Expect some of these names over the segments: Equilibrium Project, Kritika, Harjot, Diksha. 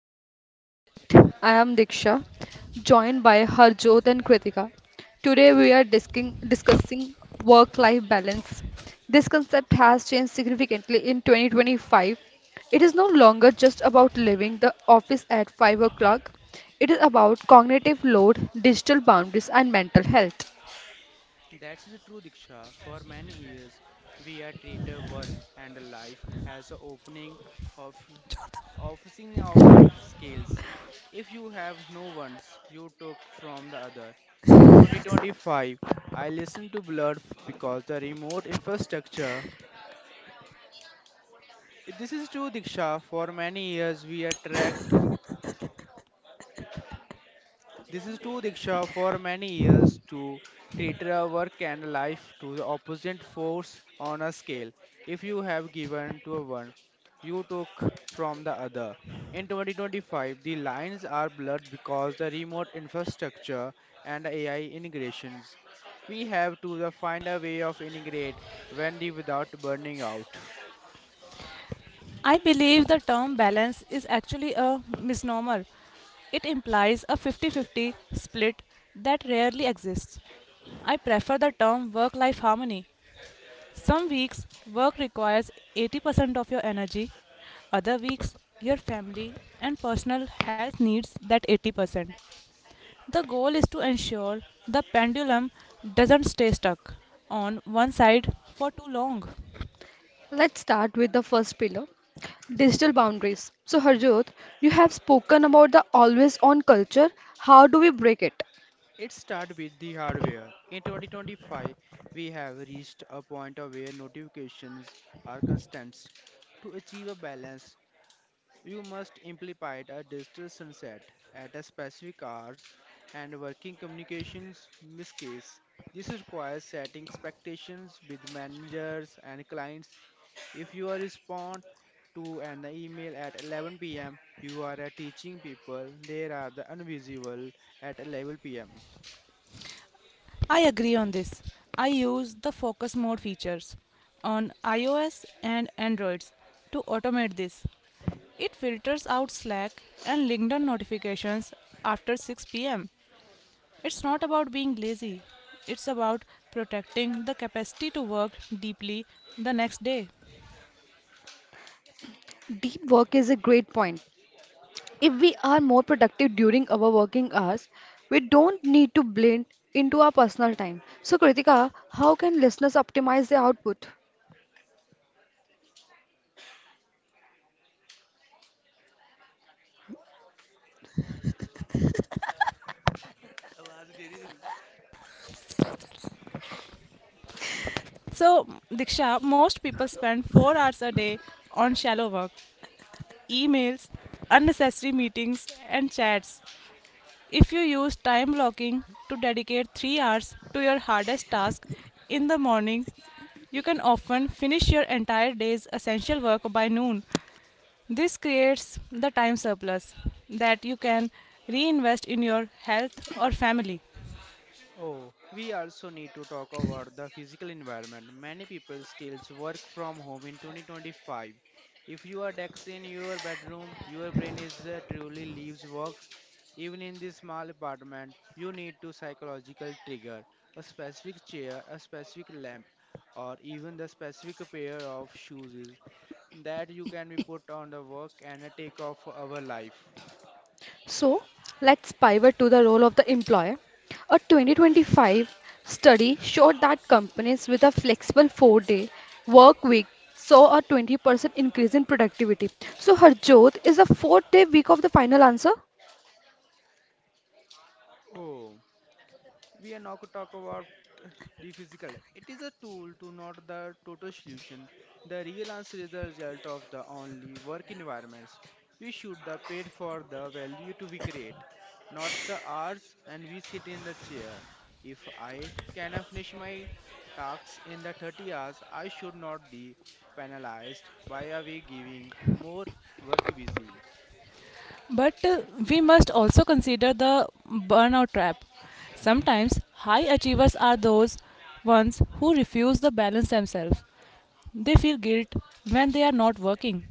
Equilibrium Project. I am Diksha, joined by Harjot and Kritika. Today we are discussing work-life balance. This concept has changed significantly in 2025. It is no longer just about leaving the office at 5 o'clock. It is about cognitive load, digital boundaries, and mental health. That's the true Diksha. For many years, we are treated work and life as an opening of officing of the scales. If you have no ones, you took from the other. In 2025, I listened to because the remote infrastructure. This is true, Diksha. For many years, we are tracked This is true, Diksha. For many years, to treat our work and life to the opposite force on a scale. If you have given to one, you took from the other. In 2025, the lines are blurred because the remote infrastructure and AI integrations. We have to the find a way of integrate when the without burning out. I believe the term balance is actually a misnomer. It implies a 50-50 split that rarely exists. I prefer the term work life harmony. Some weeks, work requires 80% of your energy, other weeks, your family and personal health needs that 80%. The goal is to ensure the pendulum doesn't stay stuck on one side for too long. Let's start with the first pillar, digital boundaries. So, Harjot, you have spoken about the always on culture. How do we break it? It starts with the hardware. In 2025, we have reached a point of where notifications are constant. To achieve a balance, you must implement a digital sunset at a specific hours and working communications miss case. This requires setting expectations with managers and clients. If you are respond to an email at 11 p.m., you are teaching people there are the invisible at 11 p.m. I agree on this. I use the focus mode features on iOS and Androids to automate this. It filters out Slack and LinkedIn notifications after 6 pm. It's not about being lazy, it's about protecting the capacity to work deeply the next day. Deep work is a great point. If we are more productive during our working hours, we don't need to blend into our personal time. So, Kritika, how can listeners optimize their output? So, Diksha, most people spend 4 hours a day on shallow work, emails, unnecessary meetings, and chats. If you use time blocking to dedicate 3 hours to your hardest task in the morning, you can often finish your entire day's essential work by noon. This creates the time surplus that you can reinvest in your health or family. Oh, we also need to talk about the physical environment. Many people still work from home in 2025. If you are desk in your bedroom, your brain is truly leaves works. Even in this small apartment, you need to psychological trigger, a specific chair, a specific lamp, or even the specific pair of shoes is that you can be put on the work and take off our life. So, let's pivot to the role of the employer. A 2025 study showed that companies with a flexible four-day work week saw a 20% increase in productivity. So, Harjot, is a four-day week of the final answer? Oh, we are not talk about the physical. It is a tool to not the total solution. The real answer is the result of the only work environments. We should the paid for the value to we create, not the hours and we sit in the chair. If I can finish my tasks in the 30 hours, I should not be penalized by a way giving more work busy. But we must also consider the burnout trap. Sometimes high achievers are those ones who refuse to balance themselves. They feel guilt when they are not working.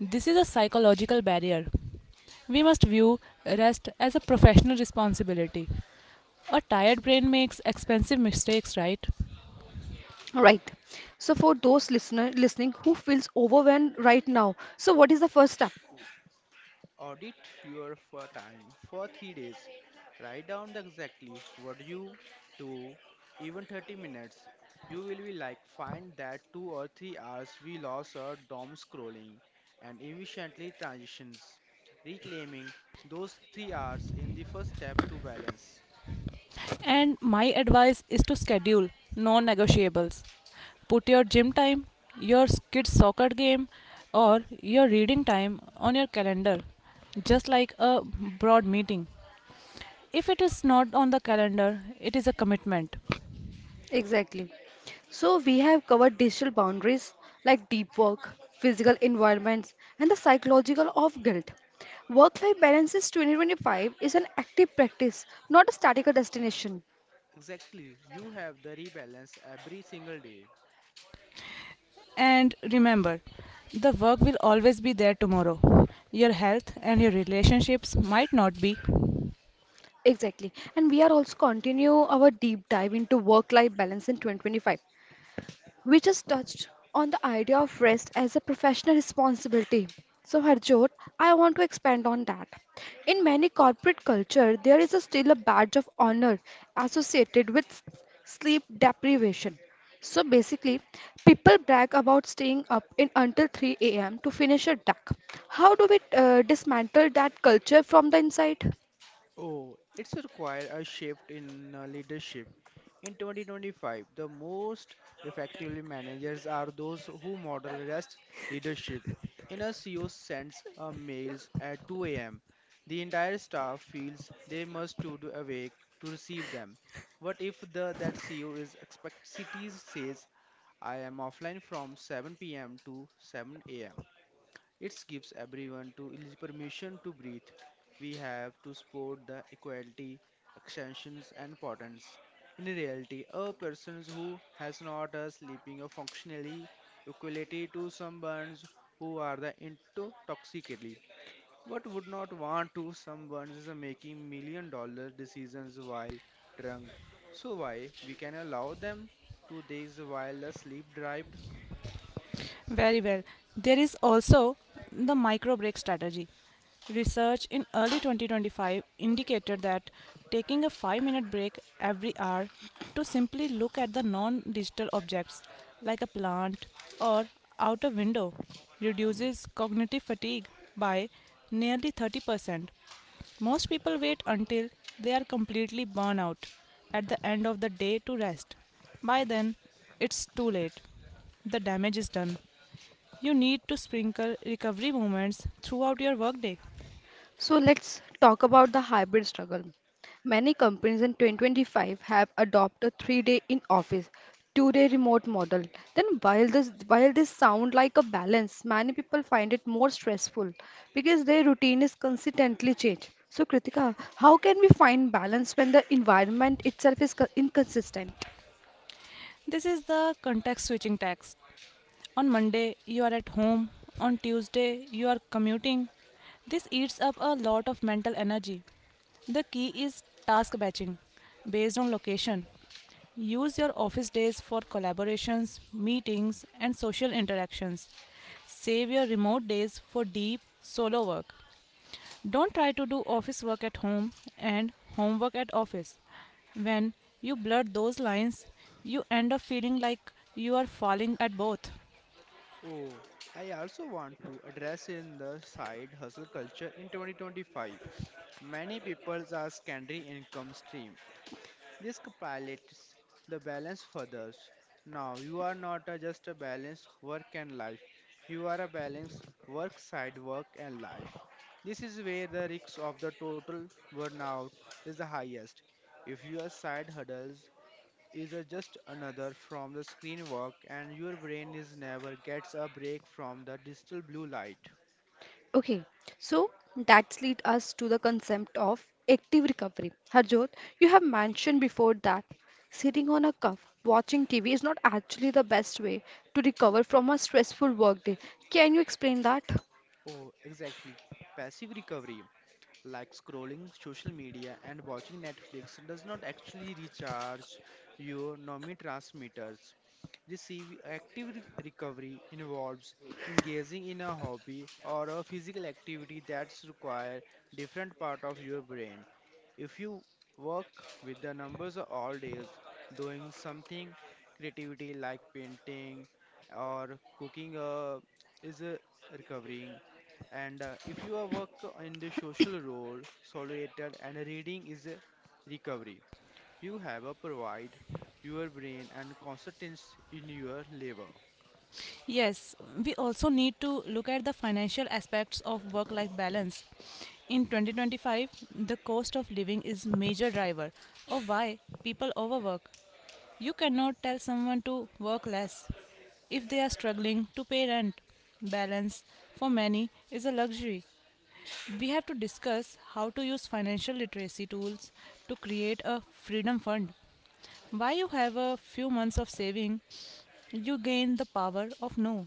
This is a psychological barrier. We must view rest as a professional responsibility. A tired brain makes expensive mistakes, right? Right. So for those listener listening who feels overwhelmed right now, so what is the first step? Audit your for time for 3 days. Write down the exactly what you do, even 30 minutes. You will be like find that 2 or 3 hours we lost our DOM scrolling and efficiently transitions. Reclaiming those 3 hours in the first step to balance. And my advice is to schedule non negotiables. Put your gym time, your kids' soccer game, or your reading time on your calendar, just like a broad meeting. If it is not on the calendar, it is a commitment. Exactly. So we have covered digital boundaries like deep work, physical environments, and the psychological of guilt. Work-life balance is 2025 is an active practice, not a statical destination. Exactly, you have the rebalance every single day. And remember, the work will always be there tomorrow. Your health and your relationships might not be. Exactly. And we are also continue our deep dive into work-life balance in 2025. We just touched on the idea of rest as a professional responsibility. So, Harjot, I want to expand on that. In many corporate culture, there is a still a badge of honor associated with sleep deprivation. So basically, people brag about staying up in until 3 a.m. to finish a task. How do we dismantle that culture from the inside? Oh, it's require a shift in leadership. In 2025, the most effectively managers are those who model rest leadership. In a CEO sends a mails at 2 a.m. The entire staff feels they must stood awake to receive them. What if the that CEO is expect cities says I am offline from 7 p.m. to 7 a.m. It gives everyone to is permission to breathe. We have to support the equality, extensions and importance. In reality, a person who has not a sleeping or functionally equality to someone who are the intoxically. What would not want to someone is making million-dollar decisions while drunk? So why we can allow them to days while asleep deprived? Very well. There is also the micro break strategy. Research in early 2025 indicated that taking a 5-minute break every hour to simply look at the non digital objects like a plant or out a window reduces cognitive fatigue by nearly 30%. Most people wait until they are completely burnt out at the end of the day to rest. By then, it's too late. The damage is done. You need to sprinkle recovery moments throughout your workday. So let's talk about the hybrid struggle. Many companies in 2025 have adopted three-day in-office, two-day remote model. Then while this sound like a balance, many people find it more stressful because their routine is consistently changed. So Kritika, how can we find balance when the environment itself is inconsistent? This is the context switching tax. On Monday, you are at home. On Tuesday, you are commuting. This eats up a lot of mental energy. The key is task batching based on location. Use your office days for collaborations, meetings, and social interactions. Save your remote days for deep solo work. Don't try to do office work at home and homework at office. When you blur those lines, you end up feeling like you are falling at both. Oh, I also want to address in the side hustle culture in 2025. Many people are secondary income stream. This compilates the balance for others. Now you are not a- just a balance work and life. You are a balance work side work and life. This is where the risk of the total burnout is the highest. If your side hurdles is a just another from the screen work and your brain is never gets a break from the digital blue light. Okay, so that leads us to the concept of active recovery. Harjot, you have mentioned before that sitting on a cuff watching TV is not actually the best way to recover from a stressful workday. Can you explain that? Oh, exactly. Passive recovery, like scrolling social media and watching Netflix does not actually recharge your neurotransmitters. Receive recovery involves engaging in a hobby or a physical activity that's require different part of your brain. If you work with the numbers all days, doing something creativity like painting or cooking is a recovering and if you are work in the social role, solitude and reading is a recovery. You have a provide your brain and constants in your labor. Yes, we also need to look at the financial aspects of work life balance. In 2025, the cost of living is major driver of why people overwork. You cannot tell someone to work less if they are struggling to pay rent. Balance for many is a luxury. We have to discuss how to use financial literacy tools to create a freedom fund. Why you have a few months of saving, you gain the power of no.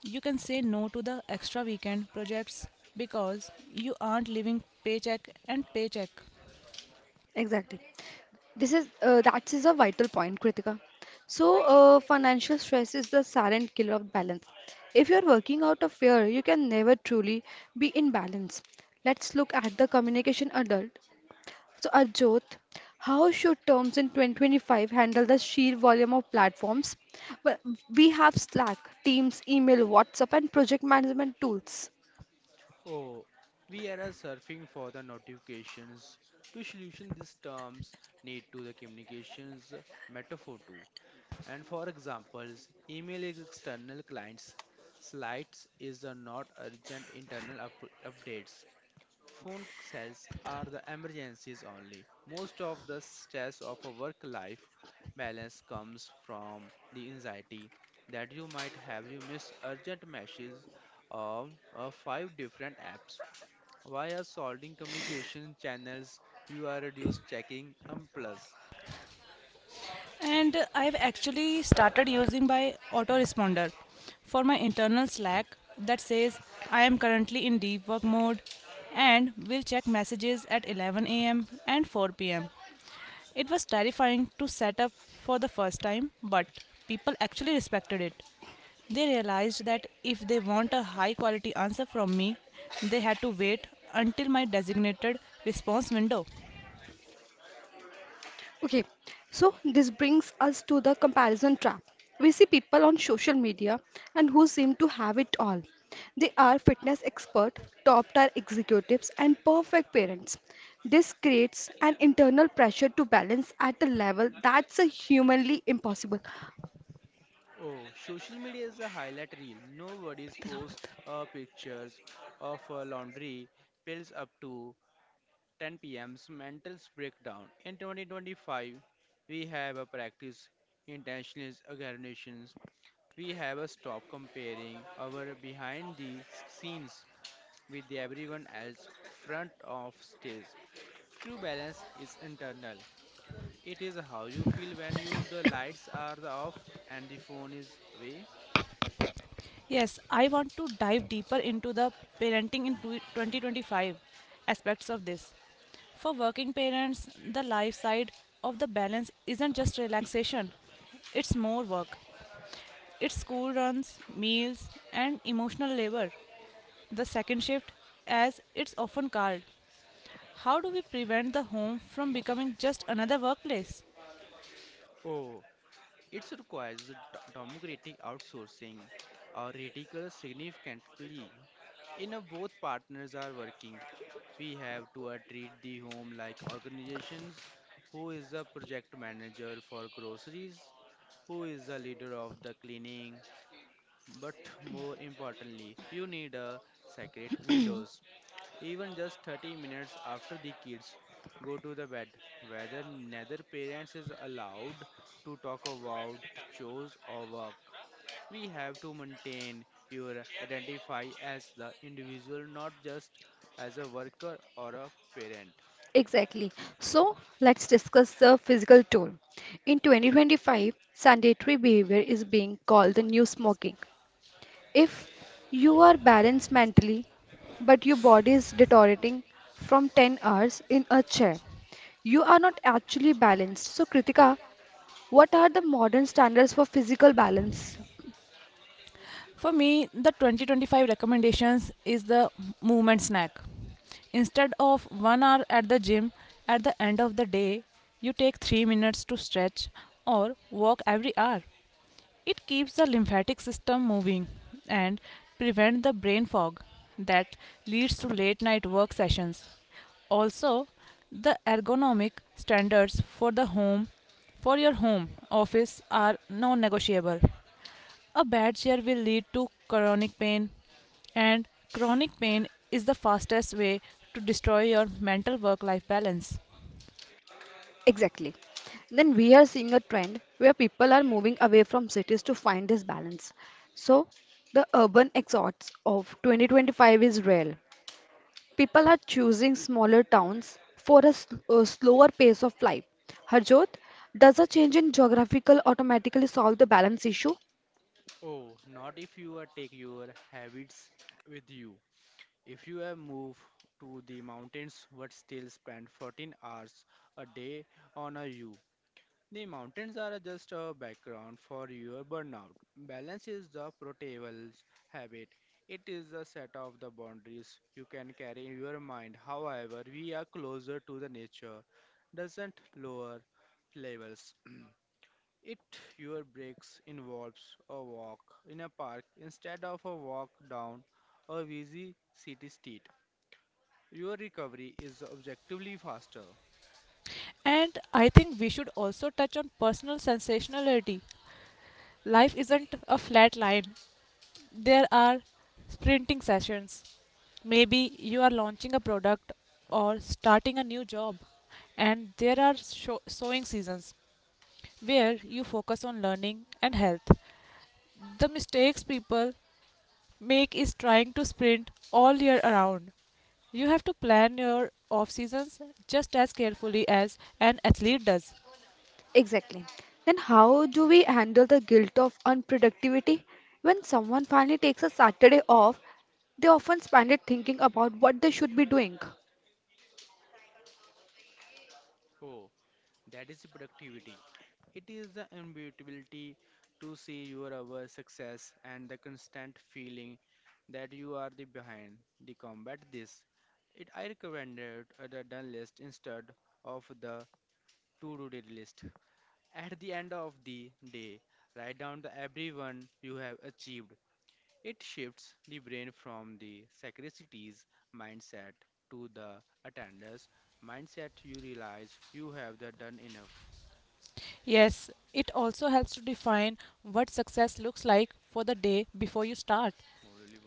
You can say no to the extra weekend projects because you aren't living paycheck and paycheck. Exactly. This is that is a vital point, Kritika. So, financial stress is the silent killer of balance. If you're working out of fear, you can never truly be in balance. Let's look at the communication adult. So, Arjot, how should terms in 2025 handle the sheer volume of platforms? Well, we have Slack, Teams, email, WhatsApp, and project management tools. Oh, we are surfing for the notifications. To solution these terms need to the communications metaphor too. And for examples, email external clients, slides is not urgent updates. Phone cells are the emergencies only. Most of the stress of a work life balance comes from the anxiety that you might have you miss urgent messages of five different apps. Via solving communication channels, you are reduced checking and plus. And I've actually started using my autoresponder for my internal Slack that says I am currently in deep work mode and will check messages at 11 a.m. and 4 p.m. It was terrifying to set up for the first time, but people actually respected it. They realized that if they want a high quality answer from me, they had to wait until my designated response window. Okay, so this brings us to the comparison trap. We see people on social media and who seem to have it all. They are fitness expert, top tier executives, and perfect parents. This creates an internal pressure to balance at a level that's a humanly impossible. Oh, social media is a highlight reel. Nobody's post pictures of laundry, pills up to 10 p.m.'s mentals breakdown. In 2025, we have a practice intentionalist organizations. We have a stop comparing our behind the scenes with everyone else front of stage. True balance is internal. It is how you feel when you the lights are off and the phone is away. Yes, I want to dive deeper into the parenting in 2025 aspects of this. For working parents, the life side of the balance isn't just relaxation, it's more work. It's school runs, meals, and emotional labor, the second shift as it's often called. How do we prevent the home from becoming just another workplace? Oh, it requires democratic outsourcing or radical significantly in a both partners are working. We have to treat the home like organizations. Who is a project manager for groceries? Who is the leader of the cleaning? But more importantly, you need a sacred windows. Even just 30 minutes after the kids go to the bed, whether neither parents is allowed to talk about chores or work. We have to maintain your identify as the individual, not just as a worker or a parent. Exactly. So let's discuss the physical toll. In 2025, sedentary behavior is being called the new smoking. If you are balanced mentally, but your body is deteriorating from 10 hours in a chair, you are not actually balanced. So, Kritika, what are the modern standards for physical balance? For me, the 2025 recommendations is the movement snack. Instead of 1 hour at the gym at the end of the day, you take 3 minutes to stretch or walk every hour. It keeps the lymphatic system moving and prevent the brain fog that leads to late night work sessions. Also, the ergonomic standards for the home for your home office are non-negotiable. A bad chair will lead to chronic pain and chronic pain is the fastest way to destroy your mental work-life balance. Exactly. Then we are seeing a trend where people are moving away from cities to find this balance. So the urban exodus of 2025 is real. People are choosing smaller towns for a slower pace of life. Harjot, does a change in geographical automatically solve the balance issue? Oh, not if you are take your habits with you. If you have moved to the mountains but still spend 14 hours a day on a U, the mountains are just a background for your burnout. Balance is the portable habit. It is a set of the boundaries you can carry in your mind. However, we are closer to the nature, doesn't lower levels. It your breaks involves a walk in a park instead of a walk down a busy city street. Your recovery is objectively faster. And I think we should also touch on personal sensationality. Life isn't a flat line. There are sprinting sessions. Maybe you are launching a product or starting a new job, and there are sowing seasons where you focus on learning and health. The mistakes people make is trying to sprint all year around. You have to plan your off seasons just as carefully as an athlete does. Exactly. Then how do we handle the guilt of unproductivity? When someone finally takes a Saturday off, they often spend it thinking about what they should be doing. Oh, that is productivity. It is the inevitability to see your our success and the constant feeling that you are the behind. The combat this. It I recommended a done list instead of the to-do list. At the end of the day, write down the everyone you have achieved. It shifts the brain from the scarcity's mindset to the attendance mindset. You realize you have the done enough. Yes, it also helps to define what success looks like for the day before you start.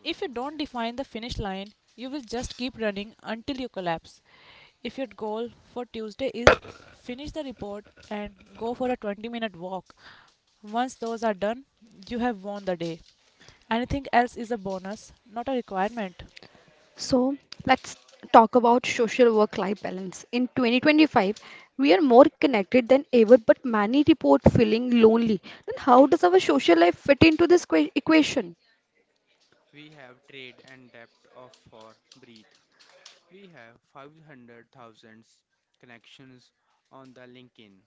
If you don't define the finish line, you will just keep running until you collapse. If your goal for Tuesday is finish the report and go for a 20-minute walk, once those are done, you have won the day. Anything else is a bonus, not a requirement. So let's talk about social work life balance. In 2025, we are more connected than ever, but many report feeling lonely. Then, how does our social life fit into this equation? We have trade and depth of for breathe. We have 500,000 connections on the LinkedIn.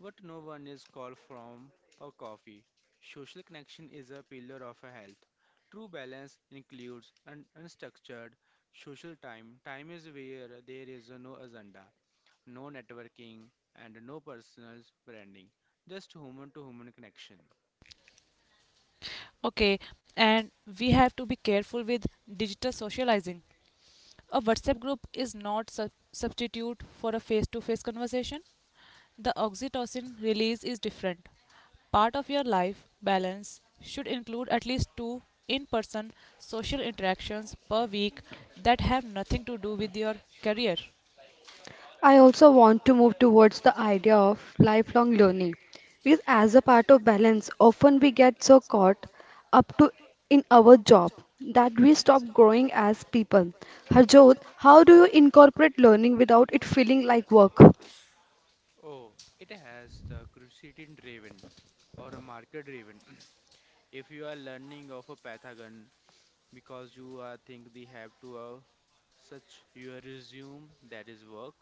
What no one is called from a coffee. Social connection is a pillar of a health. True balance includes an unstructured social time. Time is where there is no agenda, no networking, and no personal branding. Just human to human connection. Okay, and we have to be careful with digital socializing. A WhatsApp group is not substitute for a face to face conversation. The oxytocin release is different. Part of your life balance should include at least two in person social interactions per week that have nothing to do with your career. I also want to move towards the idea of lifelong learning because, as a part of balance, often we get so caught up to in our job that we stop growing as people. Harjot, how do you incorporate learning without it feeling like work? Oh, it has the curiosity driven or a market driven. If you are learning of a Pythagon because you are think they have to such your resume, that is work.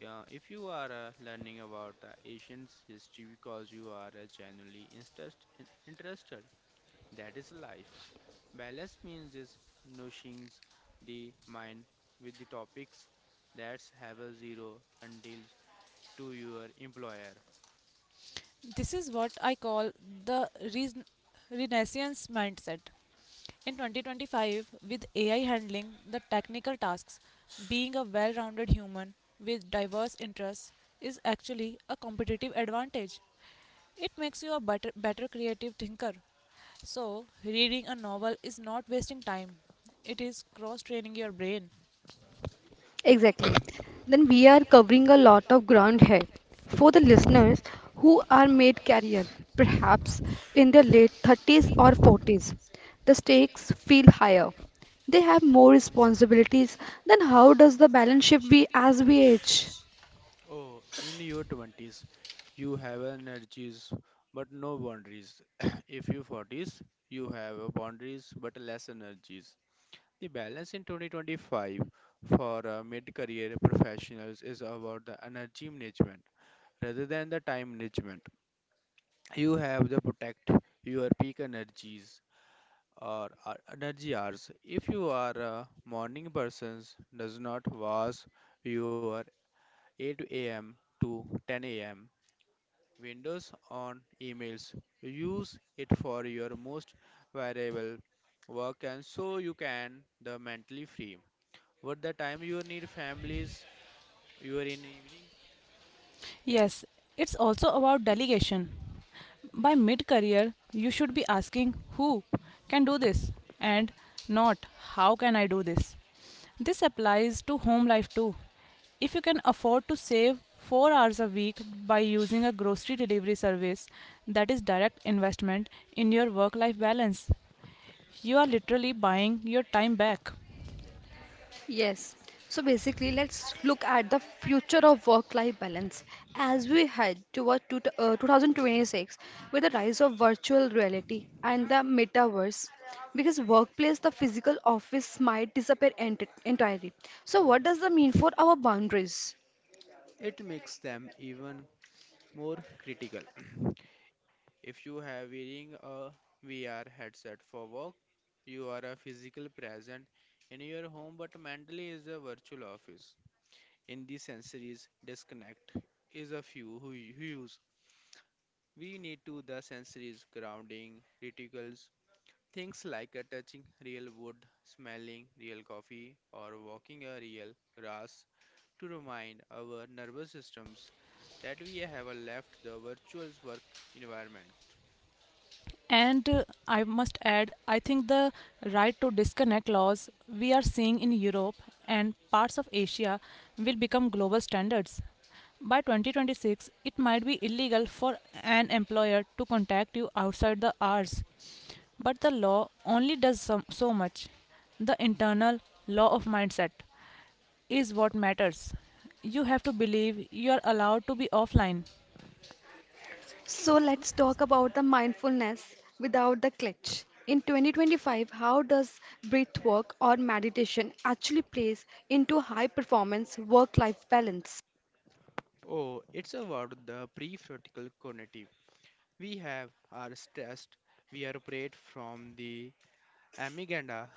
Yeah, if you are learning about the Asian's history because you are genuinely interested, that is life. Balance means is nourishing the mind with the topics that have a zero until to your employer. This is what I call the renaissance mindset. In 2025, with AI handling the technical tasks, being a well rounded human with diverse interests is actually a competitive advantage. It makes you a better creative thinker. So, reading a novel is not wasting time, it is cross training your brain. Exactly. Then we are covering a lot of ground here. For the listeners who are made career, perhaps in their late 30s or 40s, the stakes feel higher. They have more responsibilities. Then how does the balance shift we as we age? Oh, in your 20s, you have energies but no boundaries. If you 40s, you have boundaries but less energies. The balance in 2025 for mid career professionals is about the energy management rather than the time management. You have to protect your peak energies or energy hours. If you are a morning person, does not was your 8 a.m. to 10 a.m. windows on emails. Use it for your most valuable work and so you can the mentally free. What the time you need families you are in evening? Yes, it's also about delegation. By mid career, you should be asking who can do this and not how can I do this. This applies to home life too. If you can afford to save 4 hours a week by using a grocery delivery service, that is direct investment in your work life balance. You are literally buying your time back. Yes. So basically, let's look at the future of work-life balance as we head toward 2026 with the rise of virtual reality and the metaverse. Because workplace, the physical office might disappear entirely. So what does that mean for our boundaries? It makes them even more critical. If you have wearing a VR headset for work, you are a physical present in your home but mentally is a virtual office. In the sensories disconnect is a few who use. We need to the sensories grounding, reticles, things like touching real wood, smelling real coffee or walking a real grass to remind our nervous systems that we have left the virtual work environment. And I must add, I think the right to disconnect laws we are seeing in Europe and parts of Asia will become global standards. By 2026, it might be illegal for an employer to contact you outside the hours, but the law only does so, so much. The internal law of mindset is what matters. You have to believe you are allowed to be offline. So let's talk about the mindfulness without the clutch. In 2025, how does breath work or meditation actually plays into high performance work-life balance? Oh, it's about the prefrontal cognitive. We have our stressed. We are preyed from the amygdala,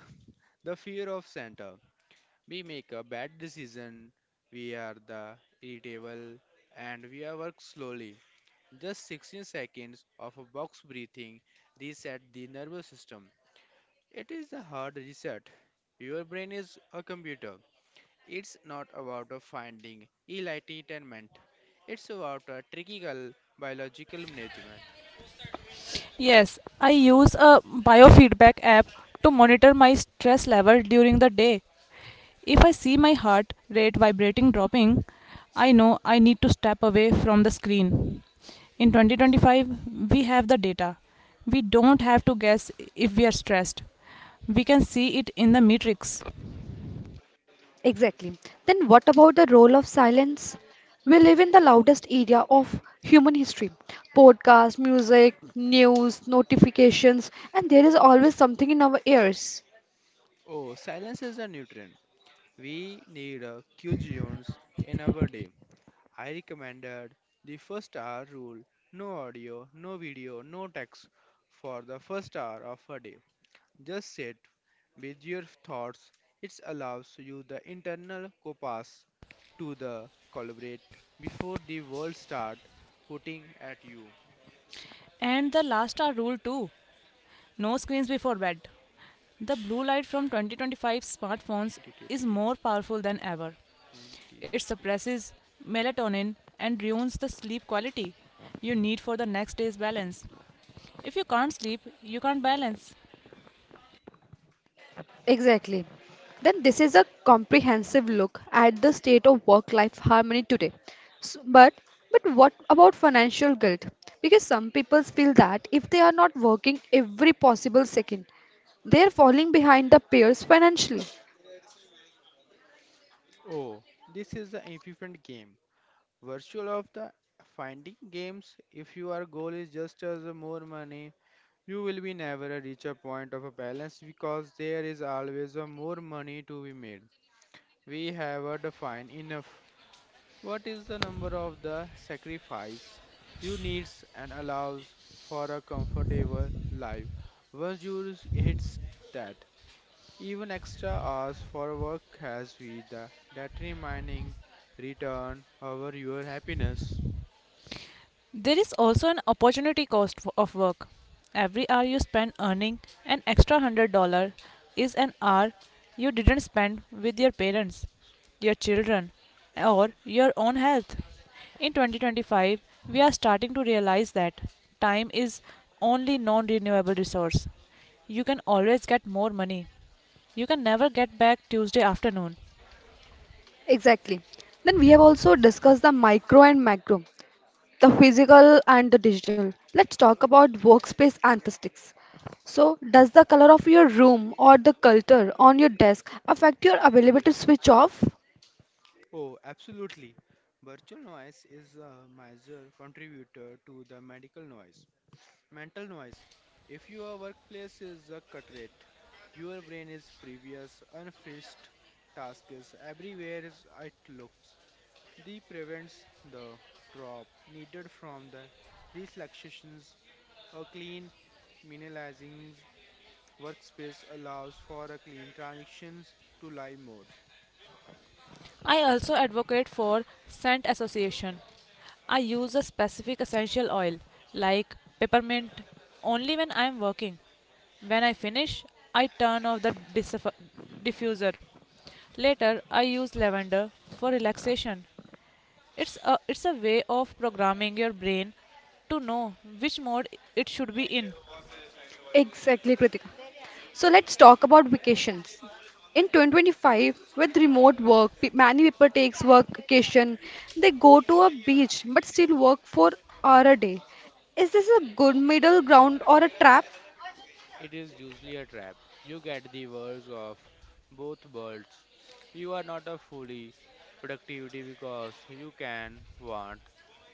the fear of center. We make a bad decision. We are the irritable and we are work slowly. Just 16 seconds of a box breathing reset the nervous system. It is the hard reset. Your brain is a computer. It's not about a finding enlightenment. It's about a trickle biological management. Yes, I use a biofeedback app to monitor my stress level during the day. If I see my heart rate vibrating dropping, I know I need to step away from the screen. In 2025, we have the data. We don't have to guess if we are stressed. We can see it in the matrix. Exactly. Then what about the role of silence? We live in the loudest era of human history. Podcast, music, news, notifications, and there is always something in our ears. Oh, silence is a nutrient. We need a cuisines in our day. I recommended the first hour rule. No audio, no video, no text for the first hour of a day. Just sit with your thoughts. It allows you the internal compass to the collaborate before the world start putting at you. And the last hour rule too. No screens before bed. The blue light from 2025 smartphones is Detect game more powerful than ever. and It defeat. suppresses melatonin and ruins the sleep quality you need for the next day's balance. If you can't sleep, you can't balance. Exactly. Then this is a comprehensive look at the state of work-life harmony today. S- but but what about financial guilt? Because some people feel that if they are not working every possible second, they are falling behind the peers financially. Oh, this is the infant game. Virtual of the finding games. If your goal is just as a more money, you will be never reach a point of a balance because there is always a more money to be made. We have a define enough. What is the number of the sacrifice you needs and allows for a comfortable life? Once you hits that, even extra hours for work has with the that remaining return over your happiness. There is also an opportunity cost of work. Every hour you spend earning an extra $100 is an hour you didn't spend with your parents, your children, or your own health. In 2025, we are starting to realize that time is only non renewable resource. You can always get more money. You can never get back Tuesday afternoon. Exactly. Then we have also discussed the micro and macro, the physical and the digital. Let's talk about workspace aesthetics. So, does the color of your room or the culture on your desk affect your ability to switch off? Oh, absolutely. Virtual noise is a major contributor to the medical noise. Mental noise. If your workplace is a cut rate, your brain is previous unfinished tasks everywhere it looks. This prevents the drop needed from the relaxations or clean minimizing workspace allows for a clean transitions to live mode. I also advocate for scent association. I use a specific essential oil like peppermint only when I am working. When I finish, I turn off the diffuser. Later, I use lavender for relaxation. It's a way of programming your brain to know which mode it should be in. Exactly, Kritika. So, let's talk about vacations. In 2025, with remote work, many people takes vacation. They go to a beach but still work for hour a day. Is this a good middle ground or a trap? It is usually a trap. You get the worst of both worlds. You are not a fully productivity because you can want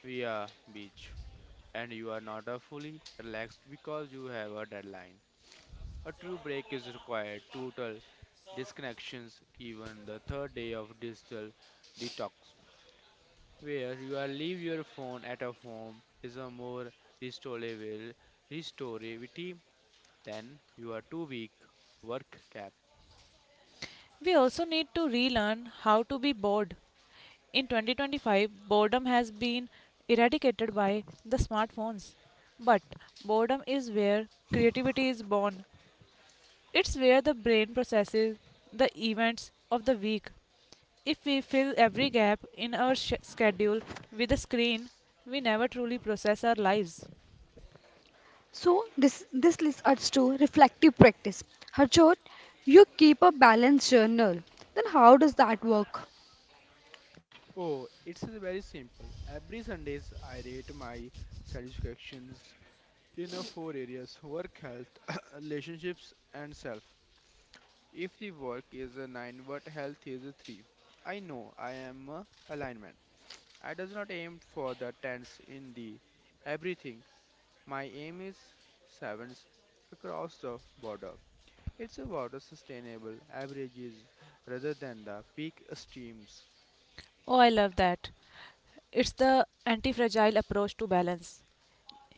via beach, and you are not a fully relaxed because you have a deadline. A true break is required. Total disconnections, even the third day of digital detox, where you are leave your phone at a home is a more restorable restorativity than your 2 week work cap. We also need to relearn how to be bored. In 2025, boredom has been eradicated by the smartphones. But boredom is where creativity is born. It's where the brain processes the events of the week. If we fill every gap in our schedule with a screen, we never truly process our lives. So this leads us to reflective practice. Harjot, you keep a balanced journal. Then how does that work? Oh, it's very simple. Every Sundays I rate my satisfactions in a four areas: work, health, relationships, and self. If the work is a 9, what health is a 3. I know I am a alignment. I does not aim for the tens in the everything. My aim is sevens across the border. It's about the sustainable averages rather than the peak streams. Oh, I love that. It's the anti fragile approach to balance.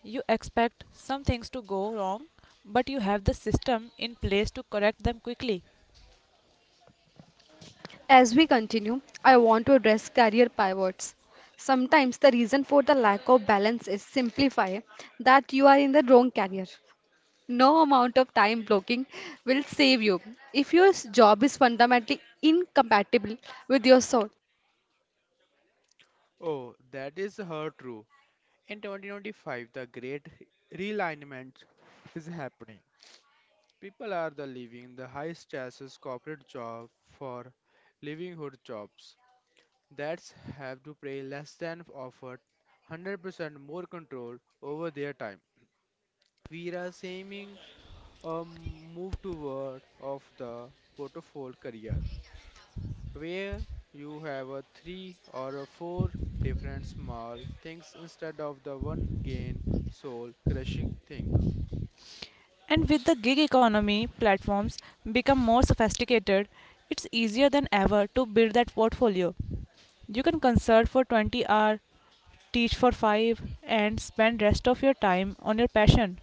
You expect some things to go wrong, but you have the system in place to correct them quickly. As we continue, I want to address career pivots. Sometimes the reason for the lack of balance is simplify that you are in the wrong career. No amount of time blocking will save you. If your job is fundamentally incompatible with your soul. Oh, that is her true. In 2025, the great realignment is happening. People are the leaving the high stress corporate job for livelihood jobs that have to pay less than offered 100% more control over their time. We are aiming move toward of the portfolio career where you have a three or a four different small things instead of the one gain soul crushing thing. And with the gig economy platforms become more sophisticated, it's easier than ever to build that portfolio. You can consult for 20 hours, teach for 5 and spend rest of your time on your passion.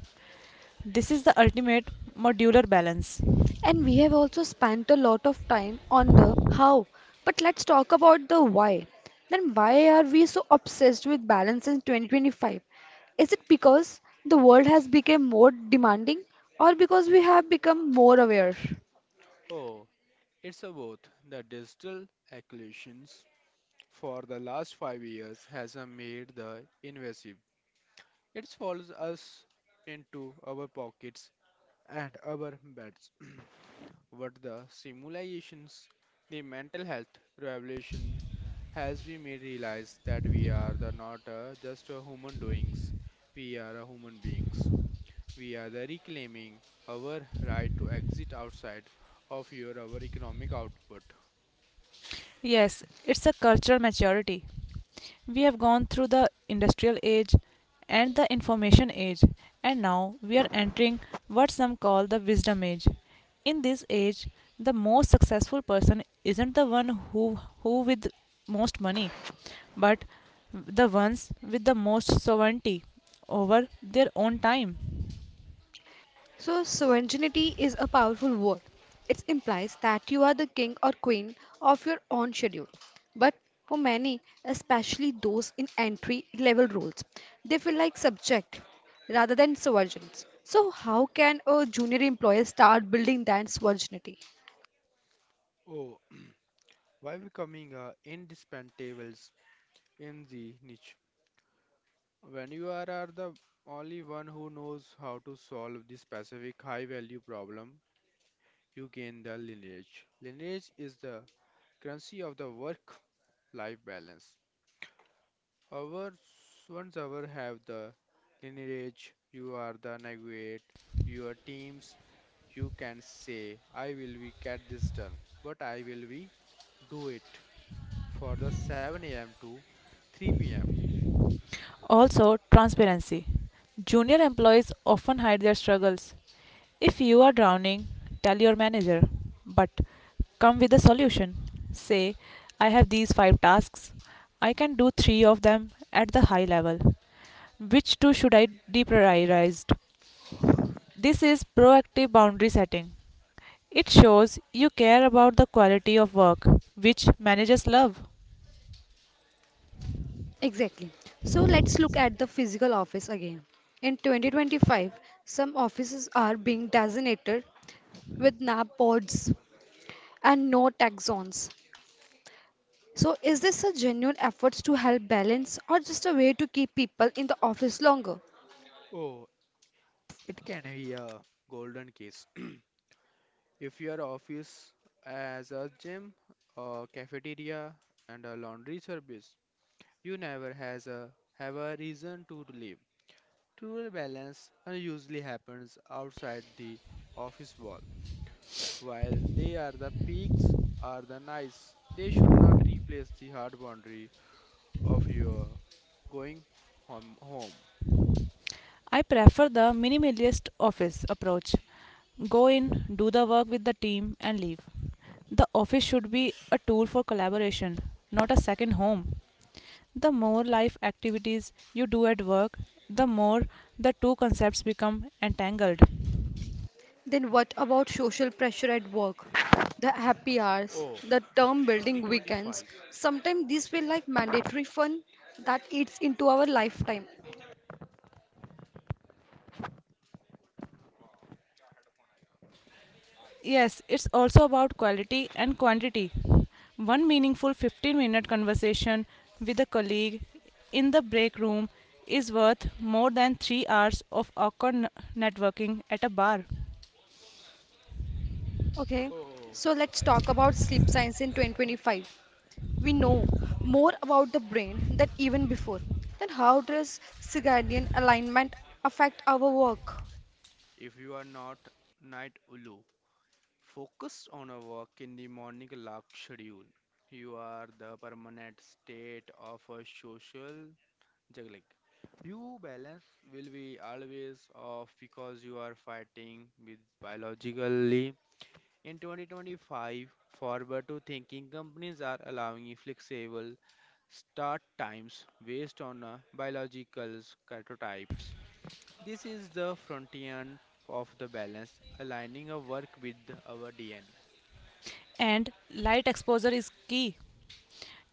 This is the ultimate modular balance. And we have also spent a lot of time on the how, but let's talk about the why. Then why are we so obsessed with balance in 2025? Is it because the world has become more demanding or because we have become more aware? Oh, it's about the digital acquisitions for the last 5 years has made the invasive. It follows us into our pockets and our beds. Were the simulations, the mental health revolution has we made realize that we are the not just a human doings, we are a human beings. We are the reclaiming our right to exit outside of your our economic output. Yes, it's a cultural maturity. We have gone through the industrial age and the information age, and now we are entering what some call the wisdom age. In this age, the most successful person isn't the one who with most money, but the ones with the most sovereignty over their own time. So, sovereignty is a powerful word. It implies that you are the king or queen of your own schedule. But for many, especially those in entry level roles, they feel like subject rather than sovereigns. So, how can a junior employee start building that sovereignty? Oh, why becoming indispensable in the niche? When you are the only one who knows how to solve this specific high value problem, you gain the lineage. Lineage is the currency of the work-life balance. However, once ever have the lineage, you are the navigate, your teams, you can say, I will be get this done, but I will be do it for the 7 a.m. to 3 p.m. Also, transparency. Junior employees often hide their struggles. If you are drowning, tell your manager, but come with a solution. Say, I have these five tasks. I can do three of them at the high level. Which two should I deprioritize? This is proactive boundary setting. It shows you care about the quality of work, which managers love. Exactly. So, let's look at the physical office again. In 2025, some offices are being designated with NAP boards and no tech zones. So, is this a genuine effort to help balance or just a way to keep people in the office longer? Oh, it can be a golden case. If your office as a gym, a cafeteria, and a laundry service you never has a have a reason to live. True balance usually happens outside the office wall. While they are the peaks are the nice, they should not replace the hard boundary of your going home. I prefer the minimalist office approach. Go in, do the work with the team, and leave. The office should be a tool for collaboration, not a second home. The more life activities you do at work, the more the two concepts become entangled. Then, what about social pressure at work? The happy hours, Oh, the term in building weekends, 2025. sometimes these feel like mandatory fun that eats into our lifetime. Yes, it's also about quality and quantity. One meaningful 15-minute minute conversation with a colleague in the break room is worth more than 3 hours of awkward networking at a bar. Okay, Oh, so let's talk about sleep science in 2025. We know more about the brain than even before. Then, how does circadian alignment affect our work? if you are not night ulu, focused on a work in the morning lark schedule. You are the permanent state of a social juggling. You balance will be always off because you are fighting with biologically. In 2025, forward to thinking companies are allowing flexible start times based on biological prototypes. This is the frontier of the balance, aligning our work with our DNA. And light exposure is key.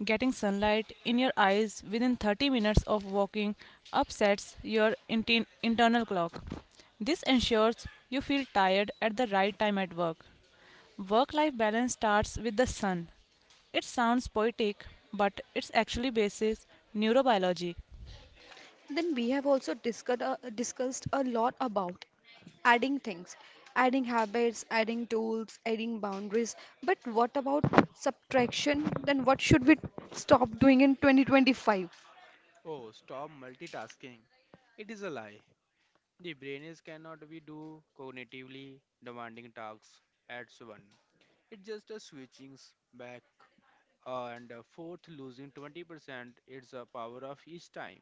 Getting sunlight in your eyes within 30 minutes of walking upsets your internal clock. This ensures you feel tired at the right time at work. Work life balance starts with the sun. It sounds poetic, but it's actually basis neurobiology. Then we have also discussed a lot about adding things, adding habits, adding tools, adding boundaries. But what about subtraction? Then what should we stop doing in 2025? Oh, stop multitasking. It is a lie. The brain is cannot be do cognitively demanding tasks at once. It just a switching back and forth, losing 20%. It's a power of each time.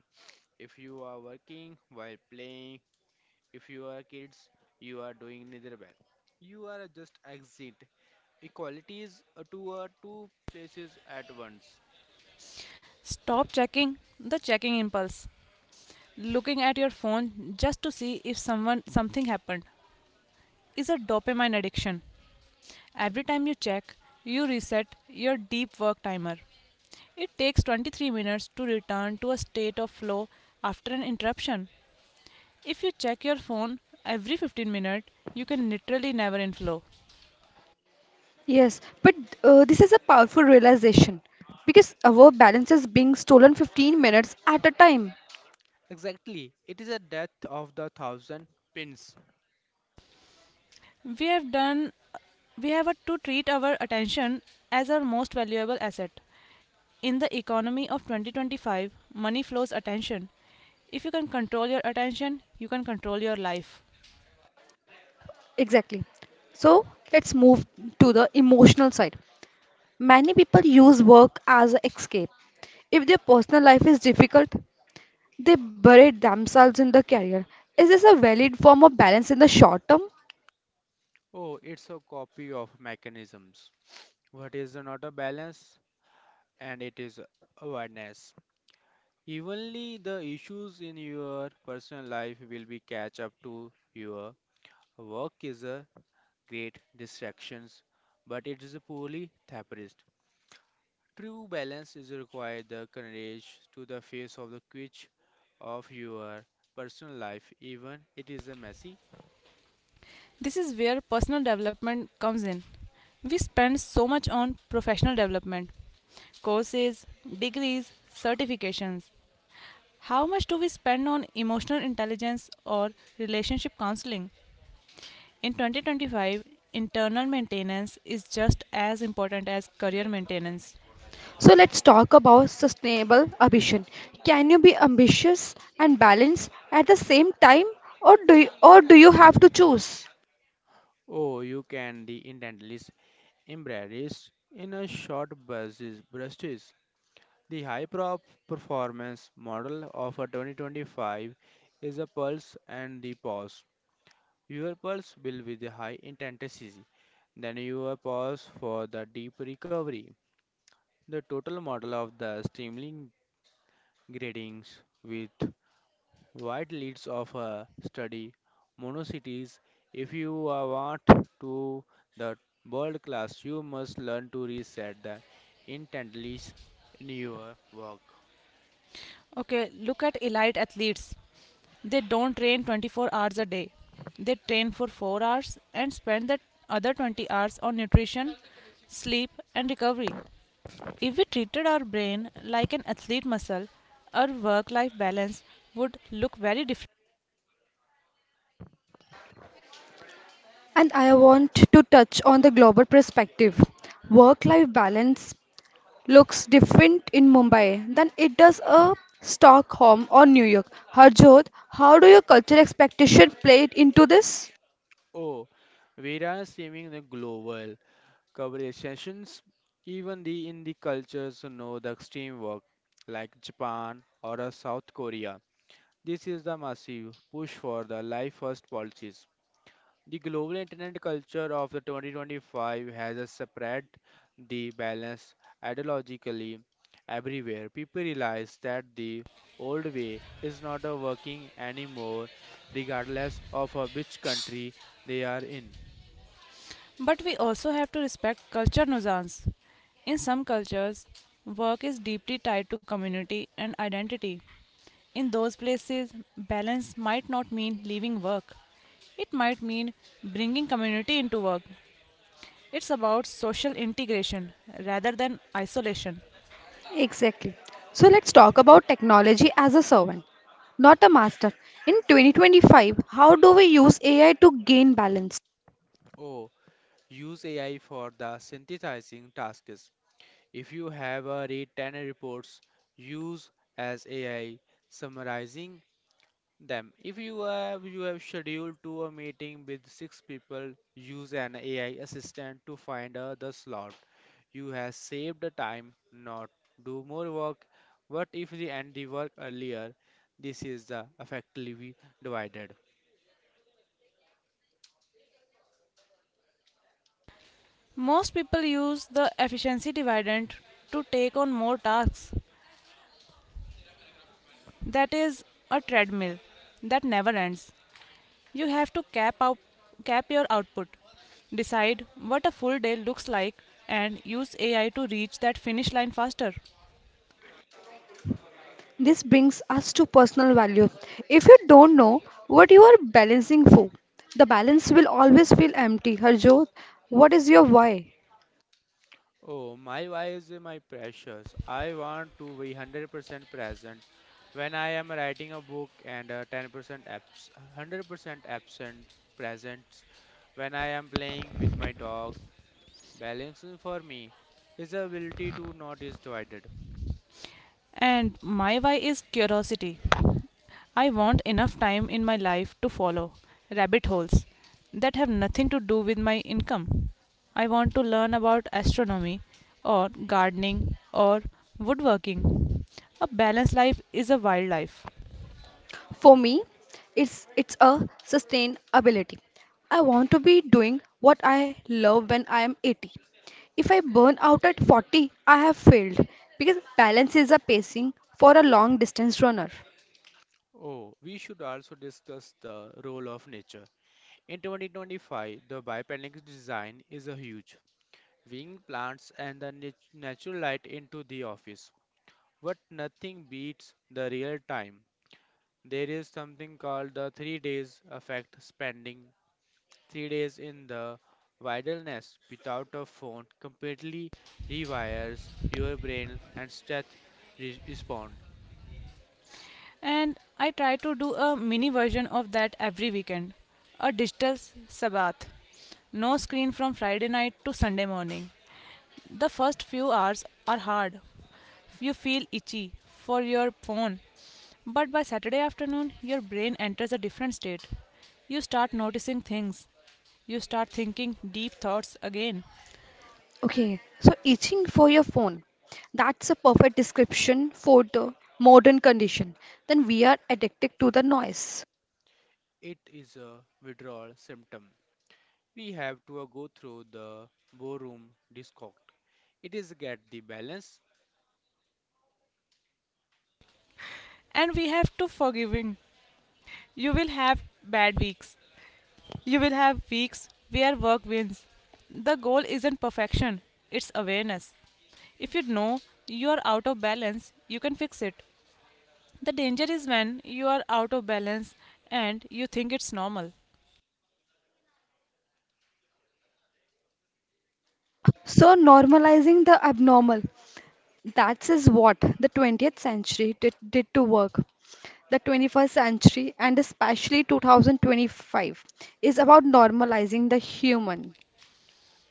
If you are working while playing, if you are kids, you are doing neither well. You are just exit. Equality is to two places at once. Stop checking impulse. Looking at your phone just to see if someone something happened is a dopamine addiction. Every time you check, you reset your deep work timer. It takes 23 minutes to return to a state of flow after an interruption. If you check your phone every 15 minutes, you can literally never in flow. Yes, but this is a powerful realization because our balance is being stolen 15 minutes at a time. Exactly. It is a death of the thousand pins. We have done we have to treat our attention as our most valuable asset. In the economy of 2025, money flows attention. If you can control your attention, you can control your life. Exactly. So let's move to the emotional side. Many people use work as an escape. If their personal life is difficult, they buried themselves in the career. Is this a valid form of balance in the short term? Oh, it's a copy of mechanisms. What is not a balance and it is awareness. Evenly, the issues in your personal life will be catch up to your work is a great distractions, but it is a poorly therapist. True balance is required the courage to the face of the quitch of your personal life, even it is a messy. This is where personal development comes in. We spend so much on professional development, courses, degrees, certifications. How much do we spend on emotional intelligence or relationship counseling? In 2025, internal maintenance is just as important as career maintenance. So let's talk about sustainable ambition. Can you be ambitious and balanced at the same time or do you have to choose? Oh, you can the intently embrace in a short bursts. The high prop performance model of a 2025 is a pulse and the pause. Your pulse will be the high intensity, then your pause for the deep recovery. The total model of the streaming gradings with wide leads of a study monocities. If you are want to the world class, you must learn to reset the intensities in your work. Okay, look at elite athletes. They don't train 24 hours a day. They train for 4 hours and spend the other 20 hours on nutrition, sleep, and recovery. If we treated our brain like an athlete muscle, our work life balance would look very different. And I want to touch on the global perspective. Work life balance looks different in Mumbai than it does a Stockholm or New York. Harjot, how do your cultural expectation play into this? Oh, various seeming the global coverage sessions, even the in the cultures know the extreme work, like Japan or a South Korea. This is the massive push for the life first policies. The global internet culture of the 2025 has a spread the balance ideologically everywhere. People realize that the old way is not a working anymore, regardless of which country they are in. But we also have to respect culture nuisance. In some cultures, work is deeply tied to community and identity. In those places, balance might not mean leaving work. It might mean bringing community into work. It's about social integration rather than isolation. Exactly. So let's talk about technology as a servant, not a master. In 2025, how do we use AI to gain balance? Oh, use AI for the synthesizing tasks. If you have a read 10 reports, use as AI summarizing them. If you have scheduled to a meeting with six people, use an AI assistant to find the slot. You have saved the time, not do more work. What if we end the work earlier? This is the effectively divided. Most people use the efficiency dividend to take on more tasks. That is a treadmill that never ends. You have to cap out cap your output. Decide what a full day looks like and use AI to reach that finish line faster. This brings us to personal value. If you don't know what you are balancing for, the balance will always feel empty. Harjot, what is your why? Oh, my wife is my precious. I want to be 100% present when I am writing a book and uh, 10% abs 100% absent presence when I am playing with my dog. Balancing for me is the ability to not is divided. And my why is curiosity. I want enough time in my life to follow rabbit holes that have nothing to do with my income. I want to learn about astronomy or gardening or woodworking. A balanced life is a wild life. For me, it's a sustainability. I want to be doing what I love when I am 80. If I burn out at 40, I have failed because balance is a pacing for a long distance runner. Oh, we should also discuss the role of nature. In 2025, the biopanic design is a huge, bringing plants and the natural light into the office. But nothing beats the real time. There is something called the 3 days effect, spending 3 days in the wilderness without a phone completely rewires your brain and stress respond. And I try to do a mini version of that every weekend. A Sabbath. No screen from Friday night to Sunday morning. The first few hours are hard. You feel itchy for your phone. But by Saturday afternoon, your brain enters a different state. You start noticing things. You start thinking deep thoughts again. Okay, so itching for your phone. That's a perfect description for the modern condition. Then we are addicted to the noise. It is a withdrawal symptom. We have to go through the ballroom discord. It is get the balance. And we have to forgiving. You will have bad weeks. You will have weeks where work wins. The goal isn't perfection, it's awareness. If you know you are out of balance, you can fix it. The danger is when you are out of balance and you think it's normal. So normalizing the abnormal. That is what the 20th century did to work. The 21st century, and especially 2025, is about normalizing the human.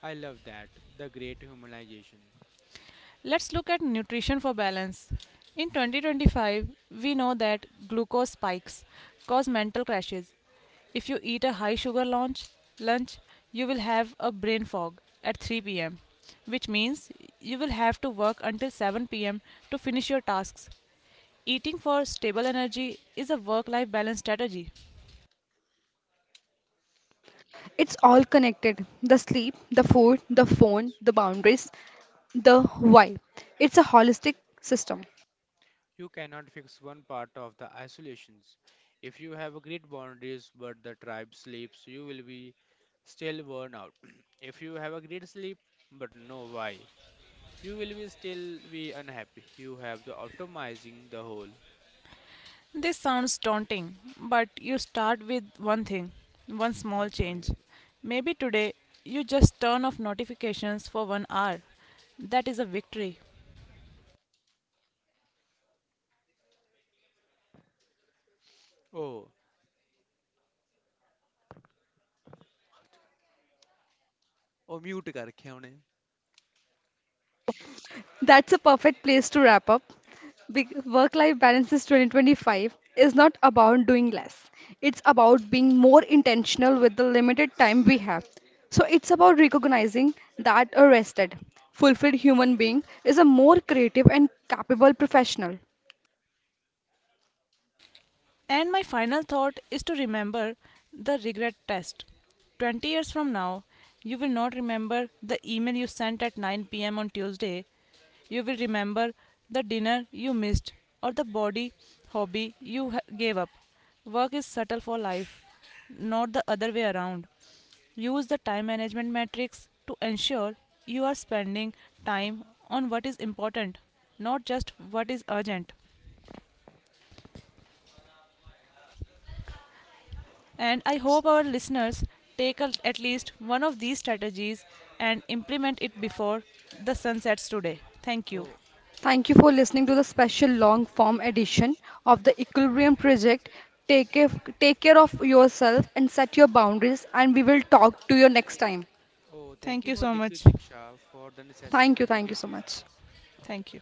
I love that. The great humanization. Let's look at nutrition for balance. In 2025, we know that glucose spikes cause mental crashes. If you eat a high sugar lunch, you will have a brain fog at 3 p.m., which means you will have to work until 7 p.m. to finish your tasks. Eating for stable energy is a work life balance strategy. It's all connected the sleep, the food, the phone, the boundaries, the why. It's a holistic system. You cannot fix one part of the isolations. If you have great boundaries but the tribe sleeps, you will be still worn out. If you have a great sleep but no why, you will be still be unhappy. You have the optimizing the whole. This sounds daunting, but you start with one thing, one और small पानी change. They Maybe today you just turn off notifications for one hour. That is a victory. दो ओ ओ mute कर रखे हैं उन्हें। That's a perfect place to wrap up. Work life balance is 2025 is not about doing less, it's about being more intentional with the limited time we have. So, it's about recognizing that a rested, fulfilled human being is a more creative and capable professional. And my final thought is to remember the regret test. 20 years from now, you will not remember the email you sent at 9 p.m. on Tuesday. You will remember the dinner you missed or the body hobby gave up. Work is subtle for life, not the other way around. Use the time management matrix to ensure you are spending time on what is important, not just what is urgent. And I hope our listeners take at least one of these strategies and implement it before the sun sets today. Thank you. Oh, Thank you for listening to the special long form edition of the Equilibrium Project. Take, care- Take care of yourself and set your boundaries, and we will talk to you next time. oh, thank Thank you you for so much. Diksha for the necessary Thank you so communication. much. Thank you.